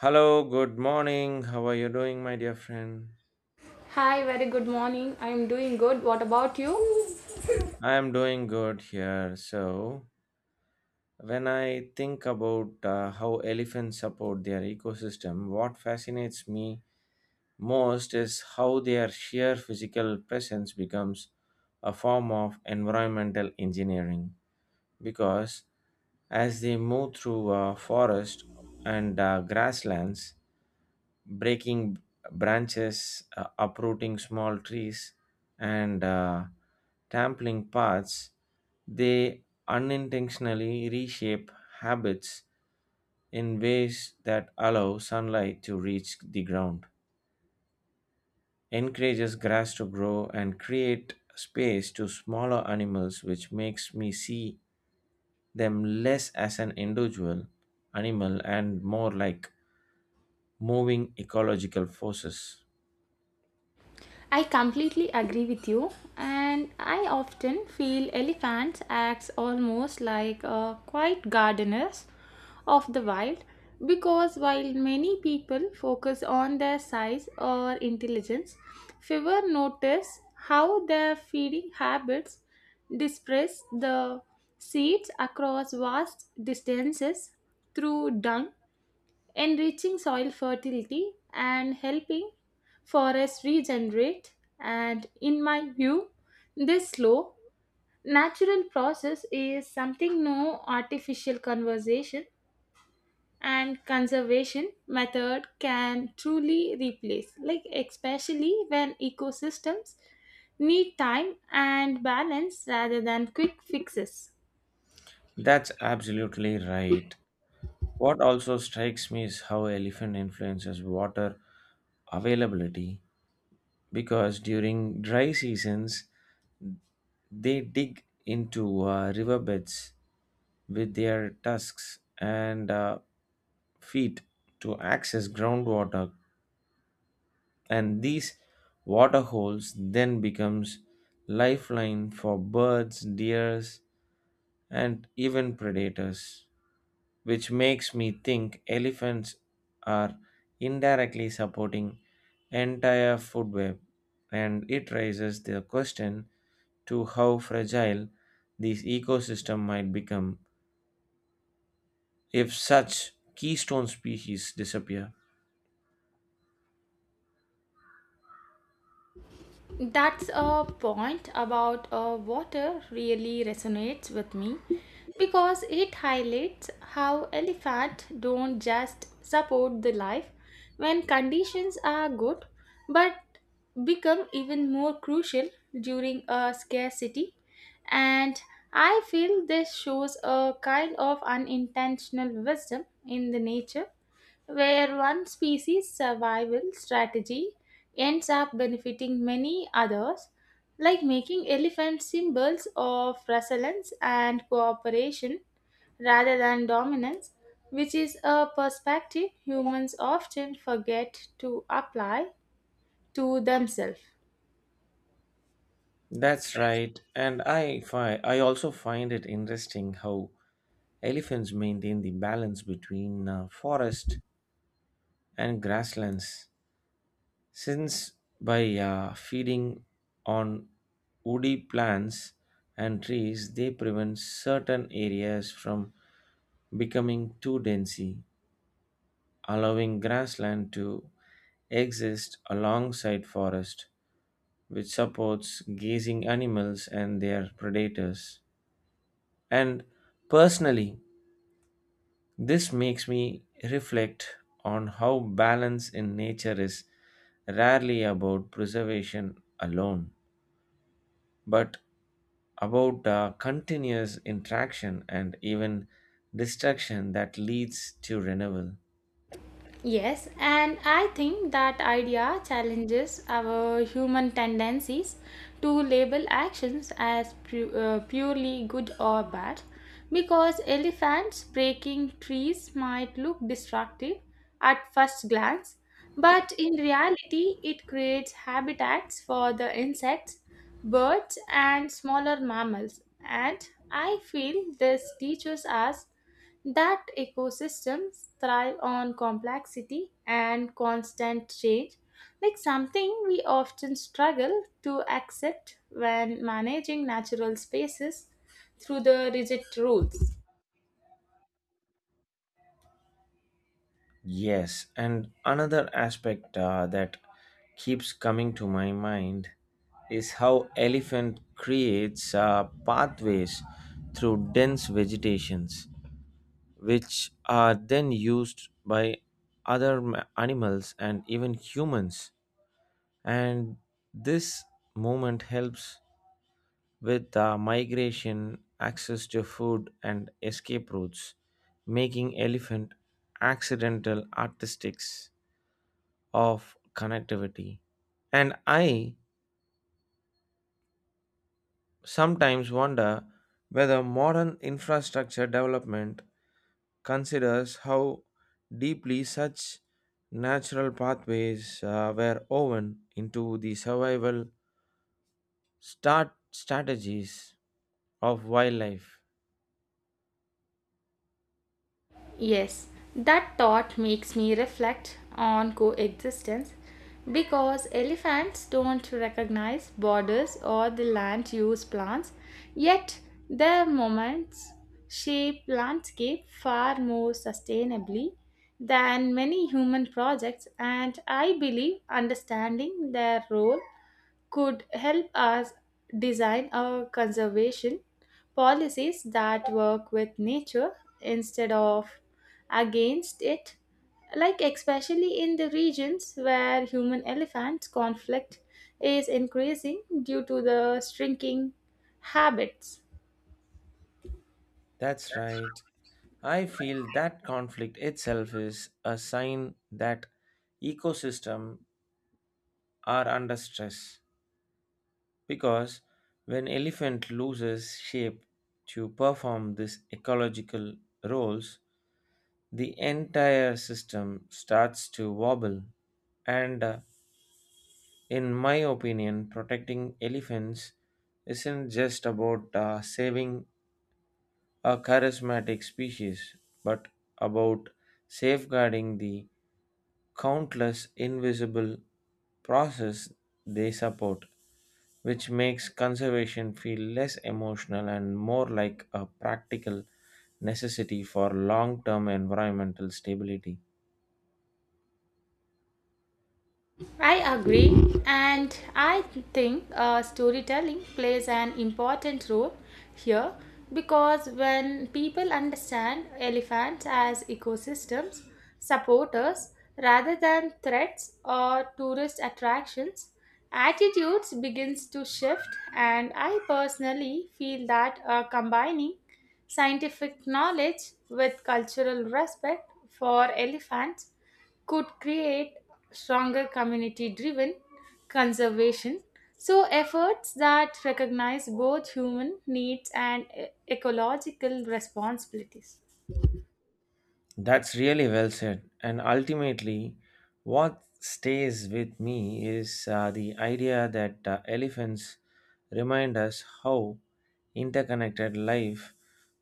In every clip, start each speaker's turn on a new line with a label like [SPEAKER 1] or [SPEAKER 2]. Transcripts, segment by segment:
[SPEAKER 1] Hello, good morning. How are you doing, my dear friend?
[SPEAKER 2] Hi, very good morning. I'm doing good. What about you?
[SPEAKER 1] I am doing good here. So, when I think about how elephants support their ecosystem, what fascinates me most is how their sheer physical presence becomes a form of environmental engineering. Because as they move through forest and grasslands, breaking branches, uprooting small trees, and trampling paths, they unintentionally reshape habits in ways that allow sunlight to reach the ground, encourages grass to grow, and create space to smaller animals, which makes me see them less as an individual animal and more like moving ecological forces.
[SPEAKER 2] I completely agree with you, and I often feel elephants acts almost like a quiet gardeners of the wild because while many people focus on their size or intelligence, fewer notice how their feeding habits disperse the seeds across vast distances through dung enriching soil fertility and helping forests regenerate. And in my view, this slow, natural process is something no artificial conservation and conservation method can truly replace, like, especially when ecosystems need time and balance rather than quick fixes.
[SPEAKER 1] That's absolutely right. What also strikes me is how elephant influences water availability because during dry seasons they dig into riverbeds with their tusks and feet to access groundwater and these water holes then becomes lifeline for birds, deers and even predators, which makes me think elephants are indirectly supporting entire food web and it raises the question to how fragile this ecosystem might become if such keystone species disappear.
[SPEAKER 2] That's a point about water really resonates with me because it highlights how elephants don't just support the life when conditions are good but become even more crucial during a scarcity and I feel this shows a kind of unintentional wisdom in the nature where one species' survival strategy ends up benefiting many others, like making elephants symbols of resilience and cooperation rather than dominance, which is a perspective humans often forget to apply to themselves.
[SPEAKER 1] That's right, and I also find it interesting how elephants maintain the balance between forest and grasslands. Since by feeding on woody plants and trees, they prevent certain areas from becoming too dense, allowing grassland to exist alongside forest, which supports grazing animals and their predators. And personally, this makes me reflect on how balance in nature is rarely about preservation alone, but about continuous interaction and even distraction that leads to renewal.
[SPEAKER 2] Yes, and I think that idea challenges our human tendencies to label actions as purely good or bad because elephants breaking trees might look destructive at first glance, but in reality, it creates habitats for the insects, birds, and smaller mammals. And I feel this teaches us that ecosystems thrive on complexity and constant change, like something we often struggle to accept when managing natural spaces through the rigid rules.
[SPEAKER 1] Yes, and another aspect that keeps coming to my mind is how elephant creates pathways through dense vegetations, which are then used by other animals and even humans. And this movement helps with the migration, access to food, and escape routes, making elephant accidental artistics of connectivity. And I sometimes wonder whether modern infrastructure development considers how deeply such natural pathways were woven into the survival start strategies of wildlife.
[SPEAKER 2] Yes, that thought makes me reflect on coexistence because elephants don't recognize borders or the land use plants, yet their movements shape landscape far more sustainably than many human projects and I believe understanding their role could help us design our conservation policies that work with nature instead of against it, like especially in the regions where human elephant conflict is increasing due to the shrinking habits.
[SPEAKER 1] That's right. I feel that conflict itself is a sign that ecosystem are under stress because when elephant loses shape to perform these ecological roles, the entire system starts to wobble. And in my opinion, protecting elephants isn't just about saving a charismatic species, but about safeguarding the countless invisible process they support, which makes conservation feel less emotional and more like a practical necessity for long term environmental stability.
[SPEAKER 2] I agree, and I think storytelling plays an important role here because when people understand elephants as ecosystems, supporters rather than threats or tourist attractions, attitudes begins to shift, and I personally feel that combining scientific knowledge with cultural respect for elephants could create stronger community driven conservation so efforts that recognize both human needs and ecological responsibilities.
[SPEAKER 1] That's really well said. And ultimately, what stays with me is the idea that elephants remind us how interconnected life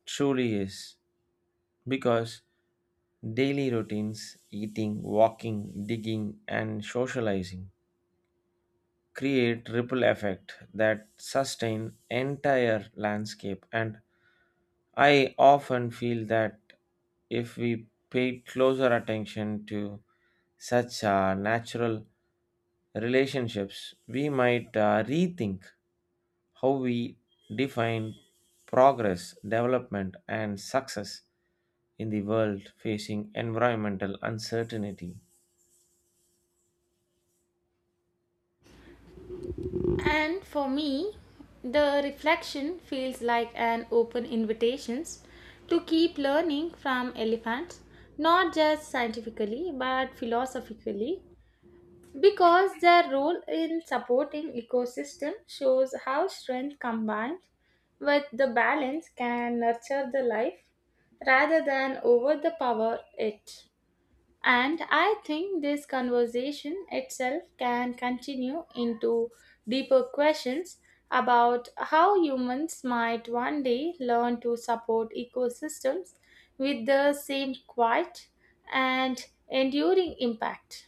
[SPEAKER 1] truly is. Because daily routines, eating, walking, digging, and socializing create ripple effect that sustain entire landscape, and I often feel that if we paid closer attention to such natural relationships we might rethink how we define progress development and success in the world facing environmental uncertainty.
[SPEAKER 2] And for me, the reflection feels like an open invitation to keep learning from elephants, not just scientifically but philosophically, because their role in supporting ecosystem shows how strength combined with the balance can nurture the life rather than over the power it. And I think this conversation itself can continue into deeper questions about how humans might one day learn to support ecosystems with the same quiet and enduring impact.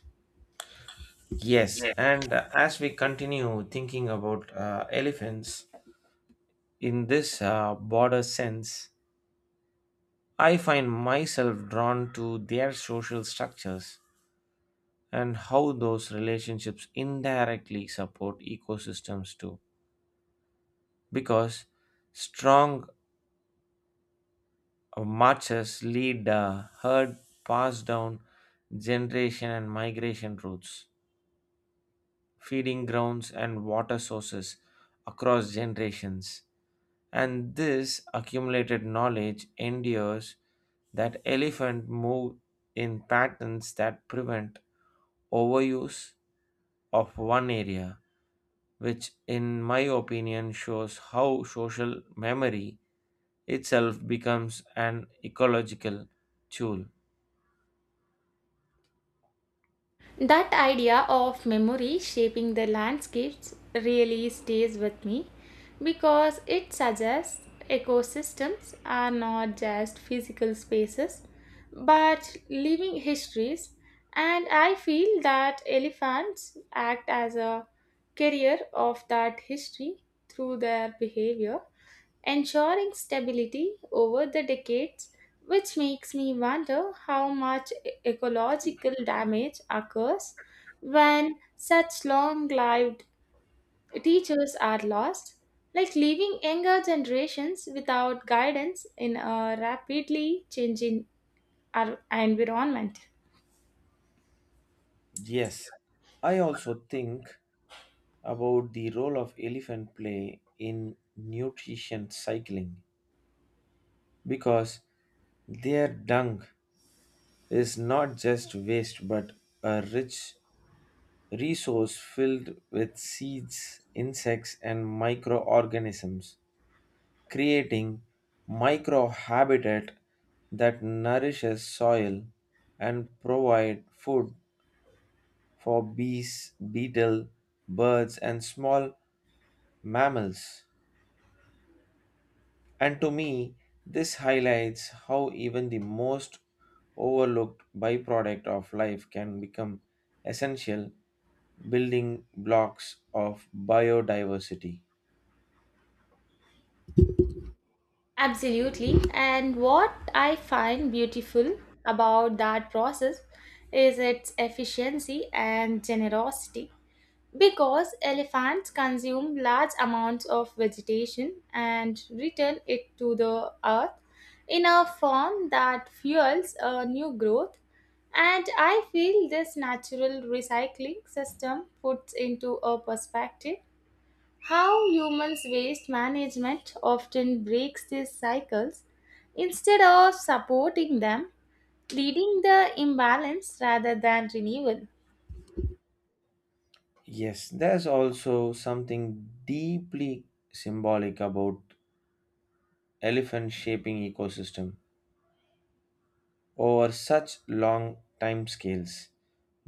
[SPEAKER 1] Yes, and as we continue thinking about elephants in this broader sense, I find myself drawn to their social structures and how those relationships indirectly support ecosystems too. Because strong marches lead the herd passed down generation and migration routes, feeding grounds and water sources across generations. And this accumulated knowledge endures that elephant move in patterns that prevent overuse of one area, which in my opinion shows how social memory itself becomes an ecological tool.
[SPEAKER 2] That idea of memory shaping the landscapes really stays with me because it suggests ecosystems are not just physical spaces but living histories, and I feel that elephants act as a carrier of that history through their behavior ensuring stability over the decades, which makes me wonder how much ecological damage occurs when such long lived teachers are lost, like leaving younger generations without guidance in a rapidly changing environment.
[SPEAKER 1] Yes, I also think about the role of elephant play in nutrition cycling because their dung is not just waste but a rich resource filled with seeds, insects, and microorganisms, creating microhabitat that nourishes soil and provide food for bees, beetle, birds, and small mammals. And to me, this highlights how even the most overlooked byproduct of life can become essential building blocks of biodiversity.
[SPEAKER 2] Absolutely. And what I find beautiful about that process is its efficiency and generosity. Because elephants consume large amounts of vegetation and return it to the earth in a form that fuels a new growth. And I feel this natural recycling system puts into a perspective how humans' waste management often breaks these cycles instead of supporting them, leading the imbalance rather than renewal.
[SPEAKER 1] Yes, there's also something deeply symbolic about elephant shaping ecosystem over such long time scales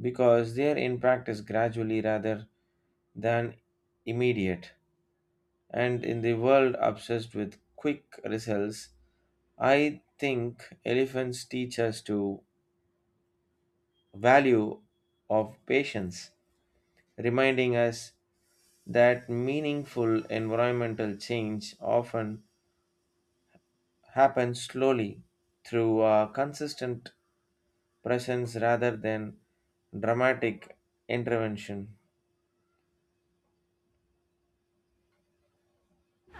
[SPEAKER 1] because they are in practice gradually rather than immediate. And in the world obsessed with quick results, I think elephants teach us to value of patience, reminding us that meaningful environmental change often happens slowly through a consistent presence rather than dramatic intervention.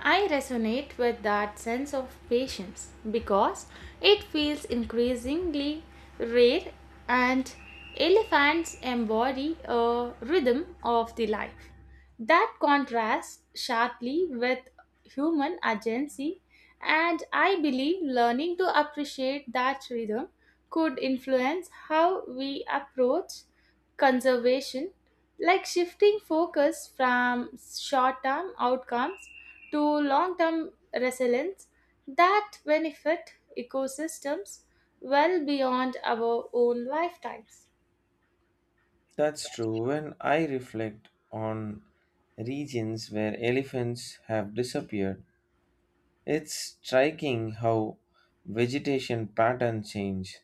[SPEAKER 2] I resonate with that sense of patience because it feels increasingly rare and elephants embody a rhythm of the life that contrasts sharply with human agency and I believe learning to appreciate that rhythm could influence how we approach conservation, like shifting focus from short term outcomes to long-term resilience that benefit ecosystems well beyond our own lifetimes.
[SPEAKER 1] That's true. When I reflect on regions where elephants have disappeared, it's striking how vegetation patterns change,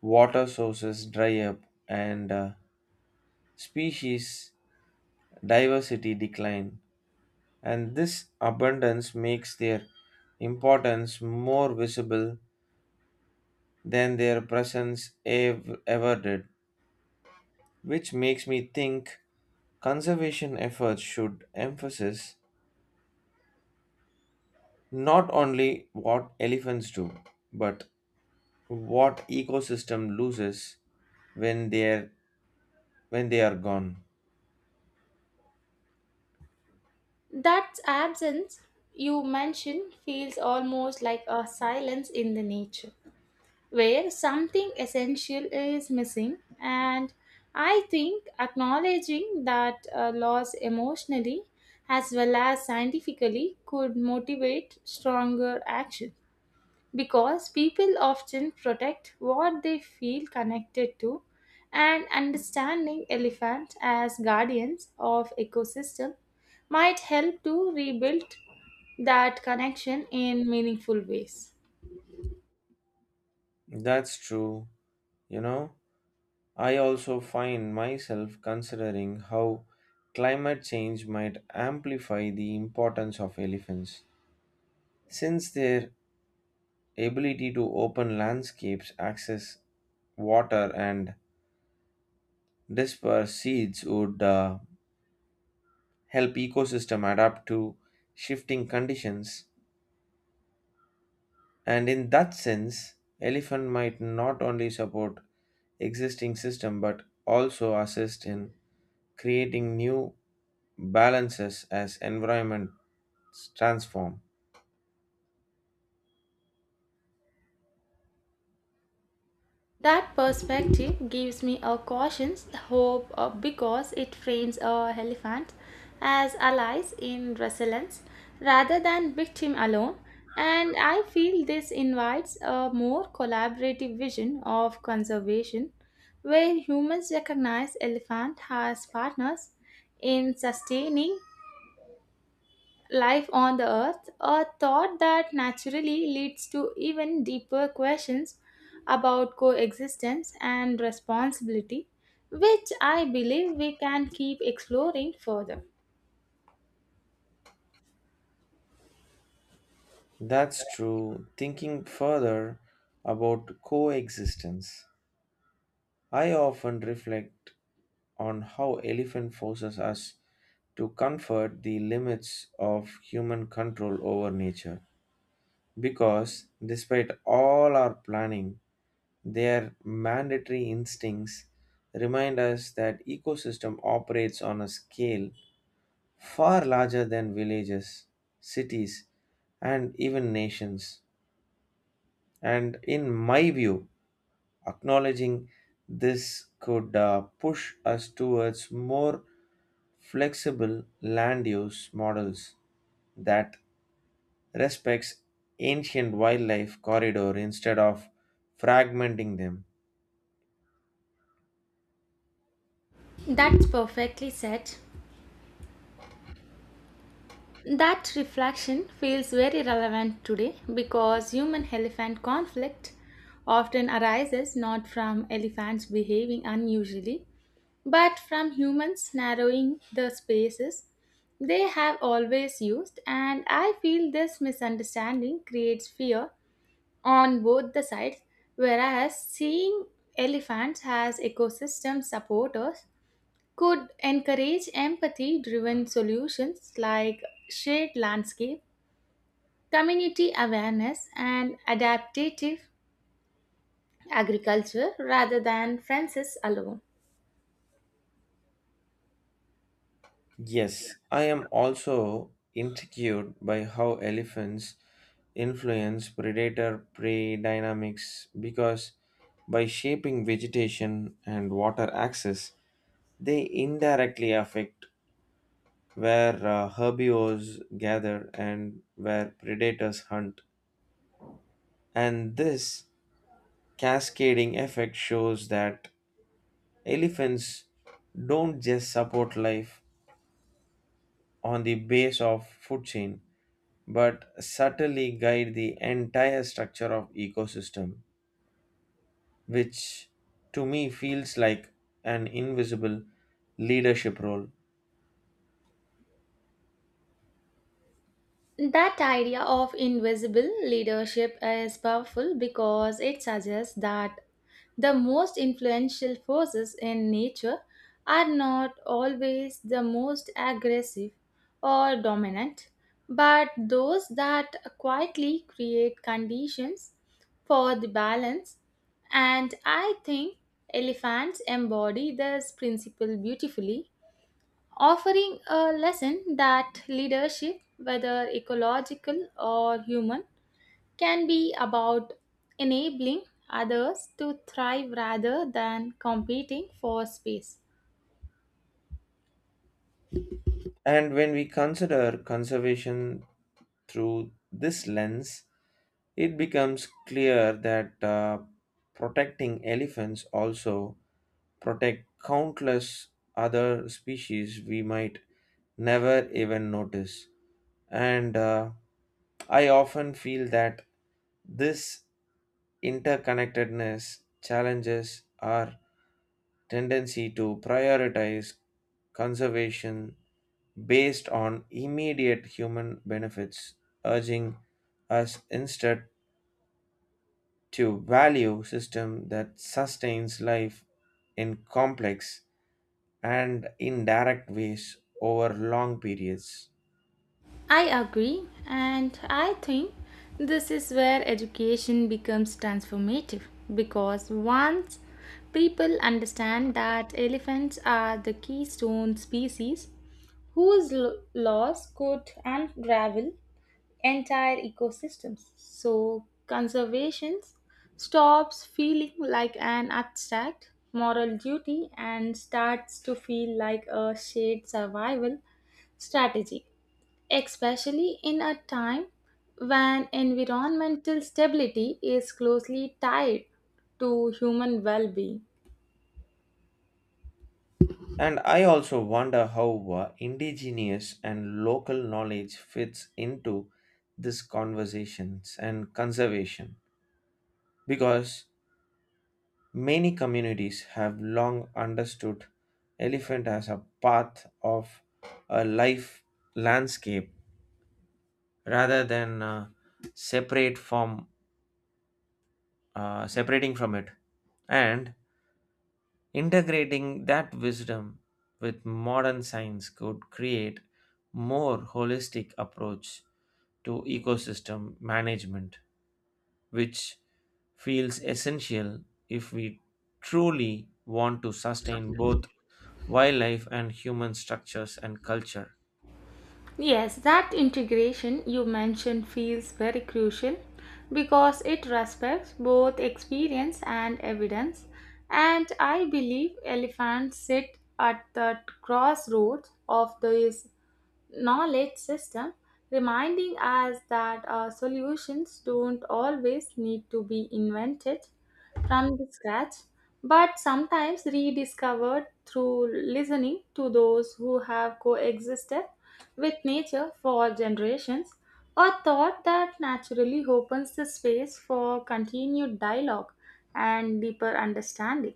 [SPEAKER 1] water sources dry up, and species diversity decline. And this abundance makes their importance more visible than their presence ever did, which makes me think conservation efforts should emphasize not only what elephants do, but what ecosystem loses when they're when they are gone.
[SPEAKER 2] That absence you mentioned feels almost like a silence in the nature, where something essential is missing. And I think acknowledging that loss emotionally as well as scientifically could motivate stronger action, because people often protect what they feel connected to and understanding elephants as guardians of ecosystem might help to rebuild that connection in meaningful ways.
[SPEAKER 1] That's true, you know. I also find myself considering how climate change might amplify the importance of elephants, since their ability to open landscapes, access water, and disperse seeds would help ecosystem adapt to shifting conditions. And in that sense, elephant might not only support existing system but also assist in creating new balances as environments transform.
[SPEAKER 2] That perspective gives me a cautious hope because it frames a elephant as allies in resilience rather than victim alone. And I feel this invites a more collaborative vision of conservation where humans recognize elephant as partners in sustaining life on the earth, a thought that naturally leads to even deeper questions about coexistence and responsibility, which I believe we can keep exploring further.
[SPEAKER 1] That's true. Thinking further about coexistence, I often reflect on how elephant forces us to comfort the limits of human control over nature. Because despite all our planning, their mandatory instincts remind us that ecosystem operates on a scale far larger than villages, cities, and even nations. And in my view, acknowledging this could push us towards more flexible land use models that respects ancient wildlife corridor instead of fragmenting them.
[SPEAKER 2] That's perfectly said. That reflection feels very relevant today because human elephant conflict often arises not from elephants behaving unusually, but from humans narrowing the spaces they have always used, and I feel this misunderstanding creates fear on both the sides. Whereas seeing elephants as ecosystem supporters could encourage empathy driven solutions like shared landscape, community awareness, and adaptative agriculture rather than fences alone.
[SPEAKER 1] Yes, I am also intrigued by how elephants influence predator prey dynamics because by shaping vegetation and water access, they indirectly affect where herbivores gather and where predators hunt. And this cascading effect shows that elephants don't just support life on the base of food chain but subtly guide the entire structure of ecosystem, which to me feels like an invisible leadership role.
[SPEAKER 2] That idea of invisible leadership is powerful because it suggests that the most influential forces in nature are not always the most aggressive or dominant, but those that quietly create conditions for the balance. And I think elephants embody this principle beautifully, offering a lesson that leadership, whether ecological or human, can be about enabling others to thrive rather than competing for space.
[SPEAKER 1] And when we consider conservation through this lens it becomes clear that protecting elephants also protect countless other species we might never even notice, and I often feel that this interconnectedness challenges our tendency to prioritize conservation based on immediate human benefits, urging us instead to value system that sustains life in complex and indirect ways over long periods.
[SPEAKER 2] I agree, and I think this is where education becomes transformative because once people understand that elephants are the keystone species whose laws could unravel entire ecosystems. So conservation stops feeling like an abstract moral duty and starts to feel like a shared survival strategy, especially in a time when environmental stability is closely tied to human well being.
[SPEAKER 1] And I also wonder how indigenous and local knowledge fits into these conversations and conservation because many communities have long understood elephant as a part of a life landscape rather than separate from separating from it, and integrating that wisdom with modern science could create more holistic approach to ecosystem management, which feels essential if we truly want to sustain both wildlife and human structures and culture.
[SPEAKER 2] Yes, that integration you mentioned feels very crucial because it respects both experience and evidence. And I believe elephants sit at the crossroads of this knowledge system, reminding us that solutions don't always need to be invented from the scratch, but sometimes rediscovered through listening to those who have coexisted with nature for generations, a thought that naturally opens the space for continued dialogue and deeper understanding.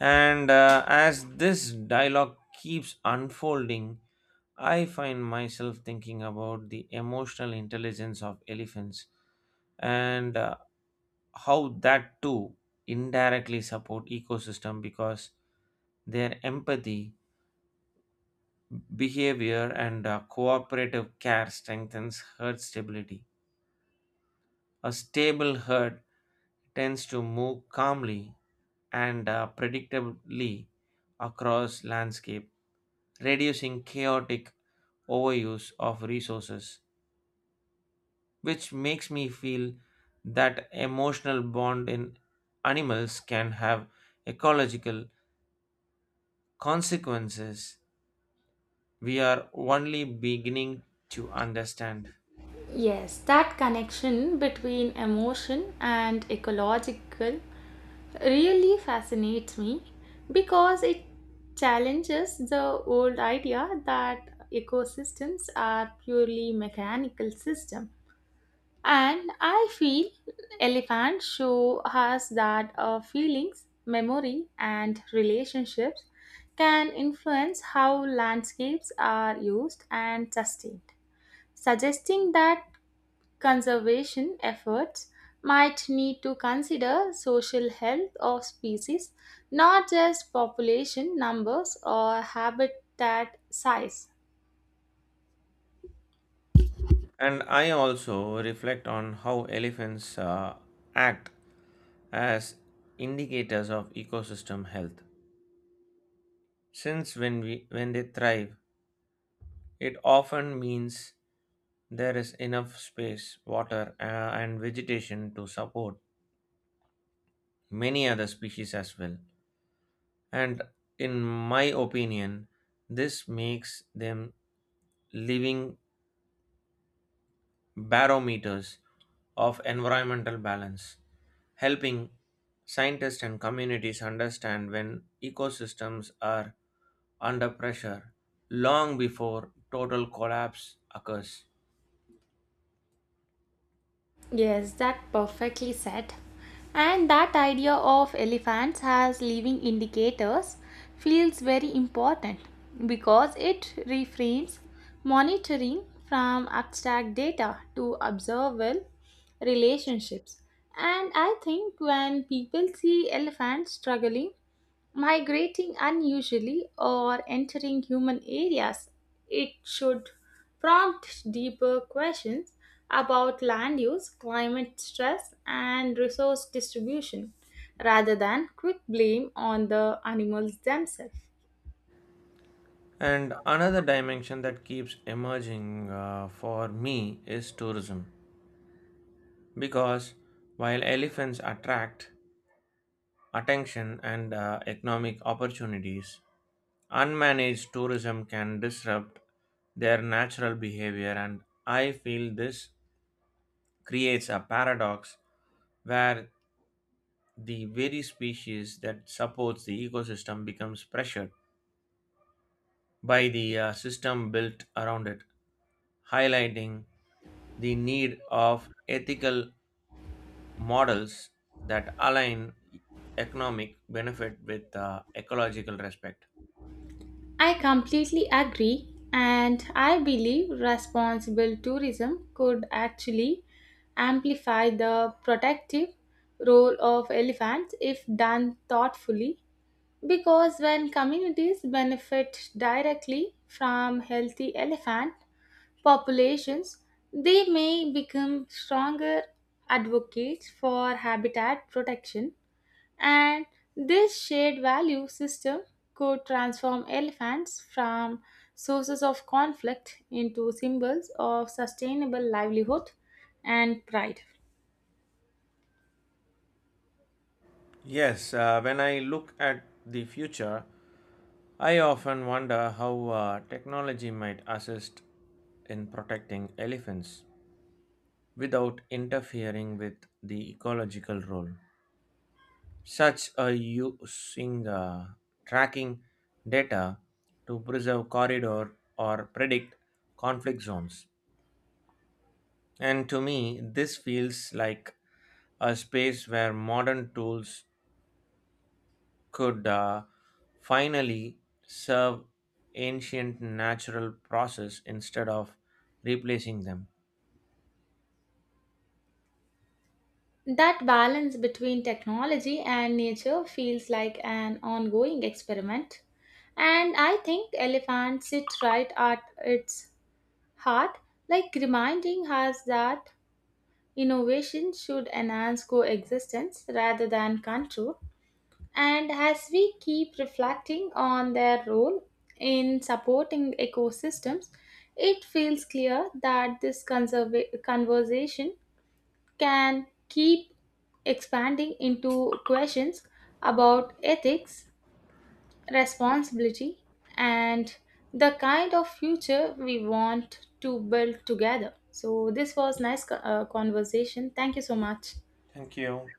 [SPEAKER 1] And as this dialogue keeps unfolding, I find myself thinking about the emotional intelligence of elephants and how that too indirectly support ecosystem because their empathy behavior and cooperative care strengthens herd stability. A stable herd tends to move calmly and predictably across landscape, reducing chaotic overuse of resources, which makes me feel that emotional bond in animals can have ecological consequences we are only beginning to understand.
[SPEAKER 2] Yes, that connection between emotion and ecological really fascinates me because it challenges the old idea that ecosystems are purely mechanical system and I feel elephants show us that our feelings memory and relationships can influence how landscapes are used and sustained, suggesting that conservation efforts might need to consider social health of species, not just population numbers or habitat size.
[SPEAKER 1] And I also reflect on how elephants act as indicators of ecosystem health. Since when they thrive, it often means there is enough space, water, and vegetation to support many other species as well. And in my opinion, this makes them living barometers of environmental balance, helping scientists and communities understand when ecosystems are under pressure long before total collapse occurs.
[SPEAKER 2] Yes, that perfectly said. And that idea of elephants as living indicators feels very important because it reframes monitoring from abstract data to observable relationships. And I think when people see elephants struggling migrating unusually or entering human areas, it should prompt deeper questions about land use, climate stress, and resource distribution rather than quick blame on the animals themselves.
[SPEAKER 1] And another dimension that keeps emerging for me is tourism. Because while elephants attract attention and economic opportunities, unmanaged tourism can disrupt their natural behavior, and I feel this creates a paradox where the very species that supports the ecosystem becomes pressured by the system built around it, highlighting the need of ethical models that align economic benefit with ecological respect.
[SPEAKER 2] I completely agree, and I believe responsible tourism could actually amplify the protective role of elephants if done thoughtfully. Because when communities benefit directly from healthy elephant populations, they may become stronger advocates for habitat protection, and this shared value system could transform elephants from sources of conflict into symbols of sustainable livelihood and pride.
[SPEAKER 1] Yes, when I look at the future, I often wonder how technology might assist in protecting elephants without interfering with the ecological role, such as using tracking data to preserve corridor or predict conflict zones. And to me, this feels like a space where modern tools could finally serve ancient natural process instead of replacing them.
[SPEAKER 2] That balance between technology and nature feels like an ongoing experiment. And I think elephants sit right at its heart, like reminding us that innovation should enhance coexistence rather than control. And as we keep reflecting on their role in supporting ecosystems, it feels clear that this conversation can keep expanding into questions about ethics, responsibility, and the kind of future we want to build together. So, this was nice conversation. Thank you so much.
[SPEAKER 1] Thank you.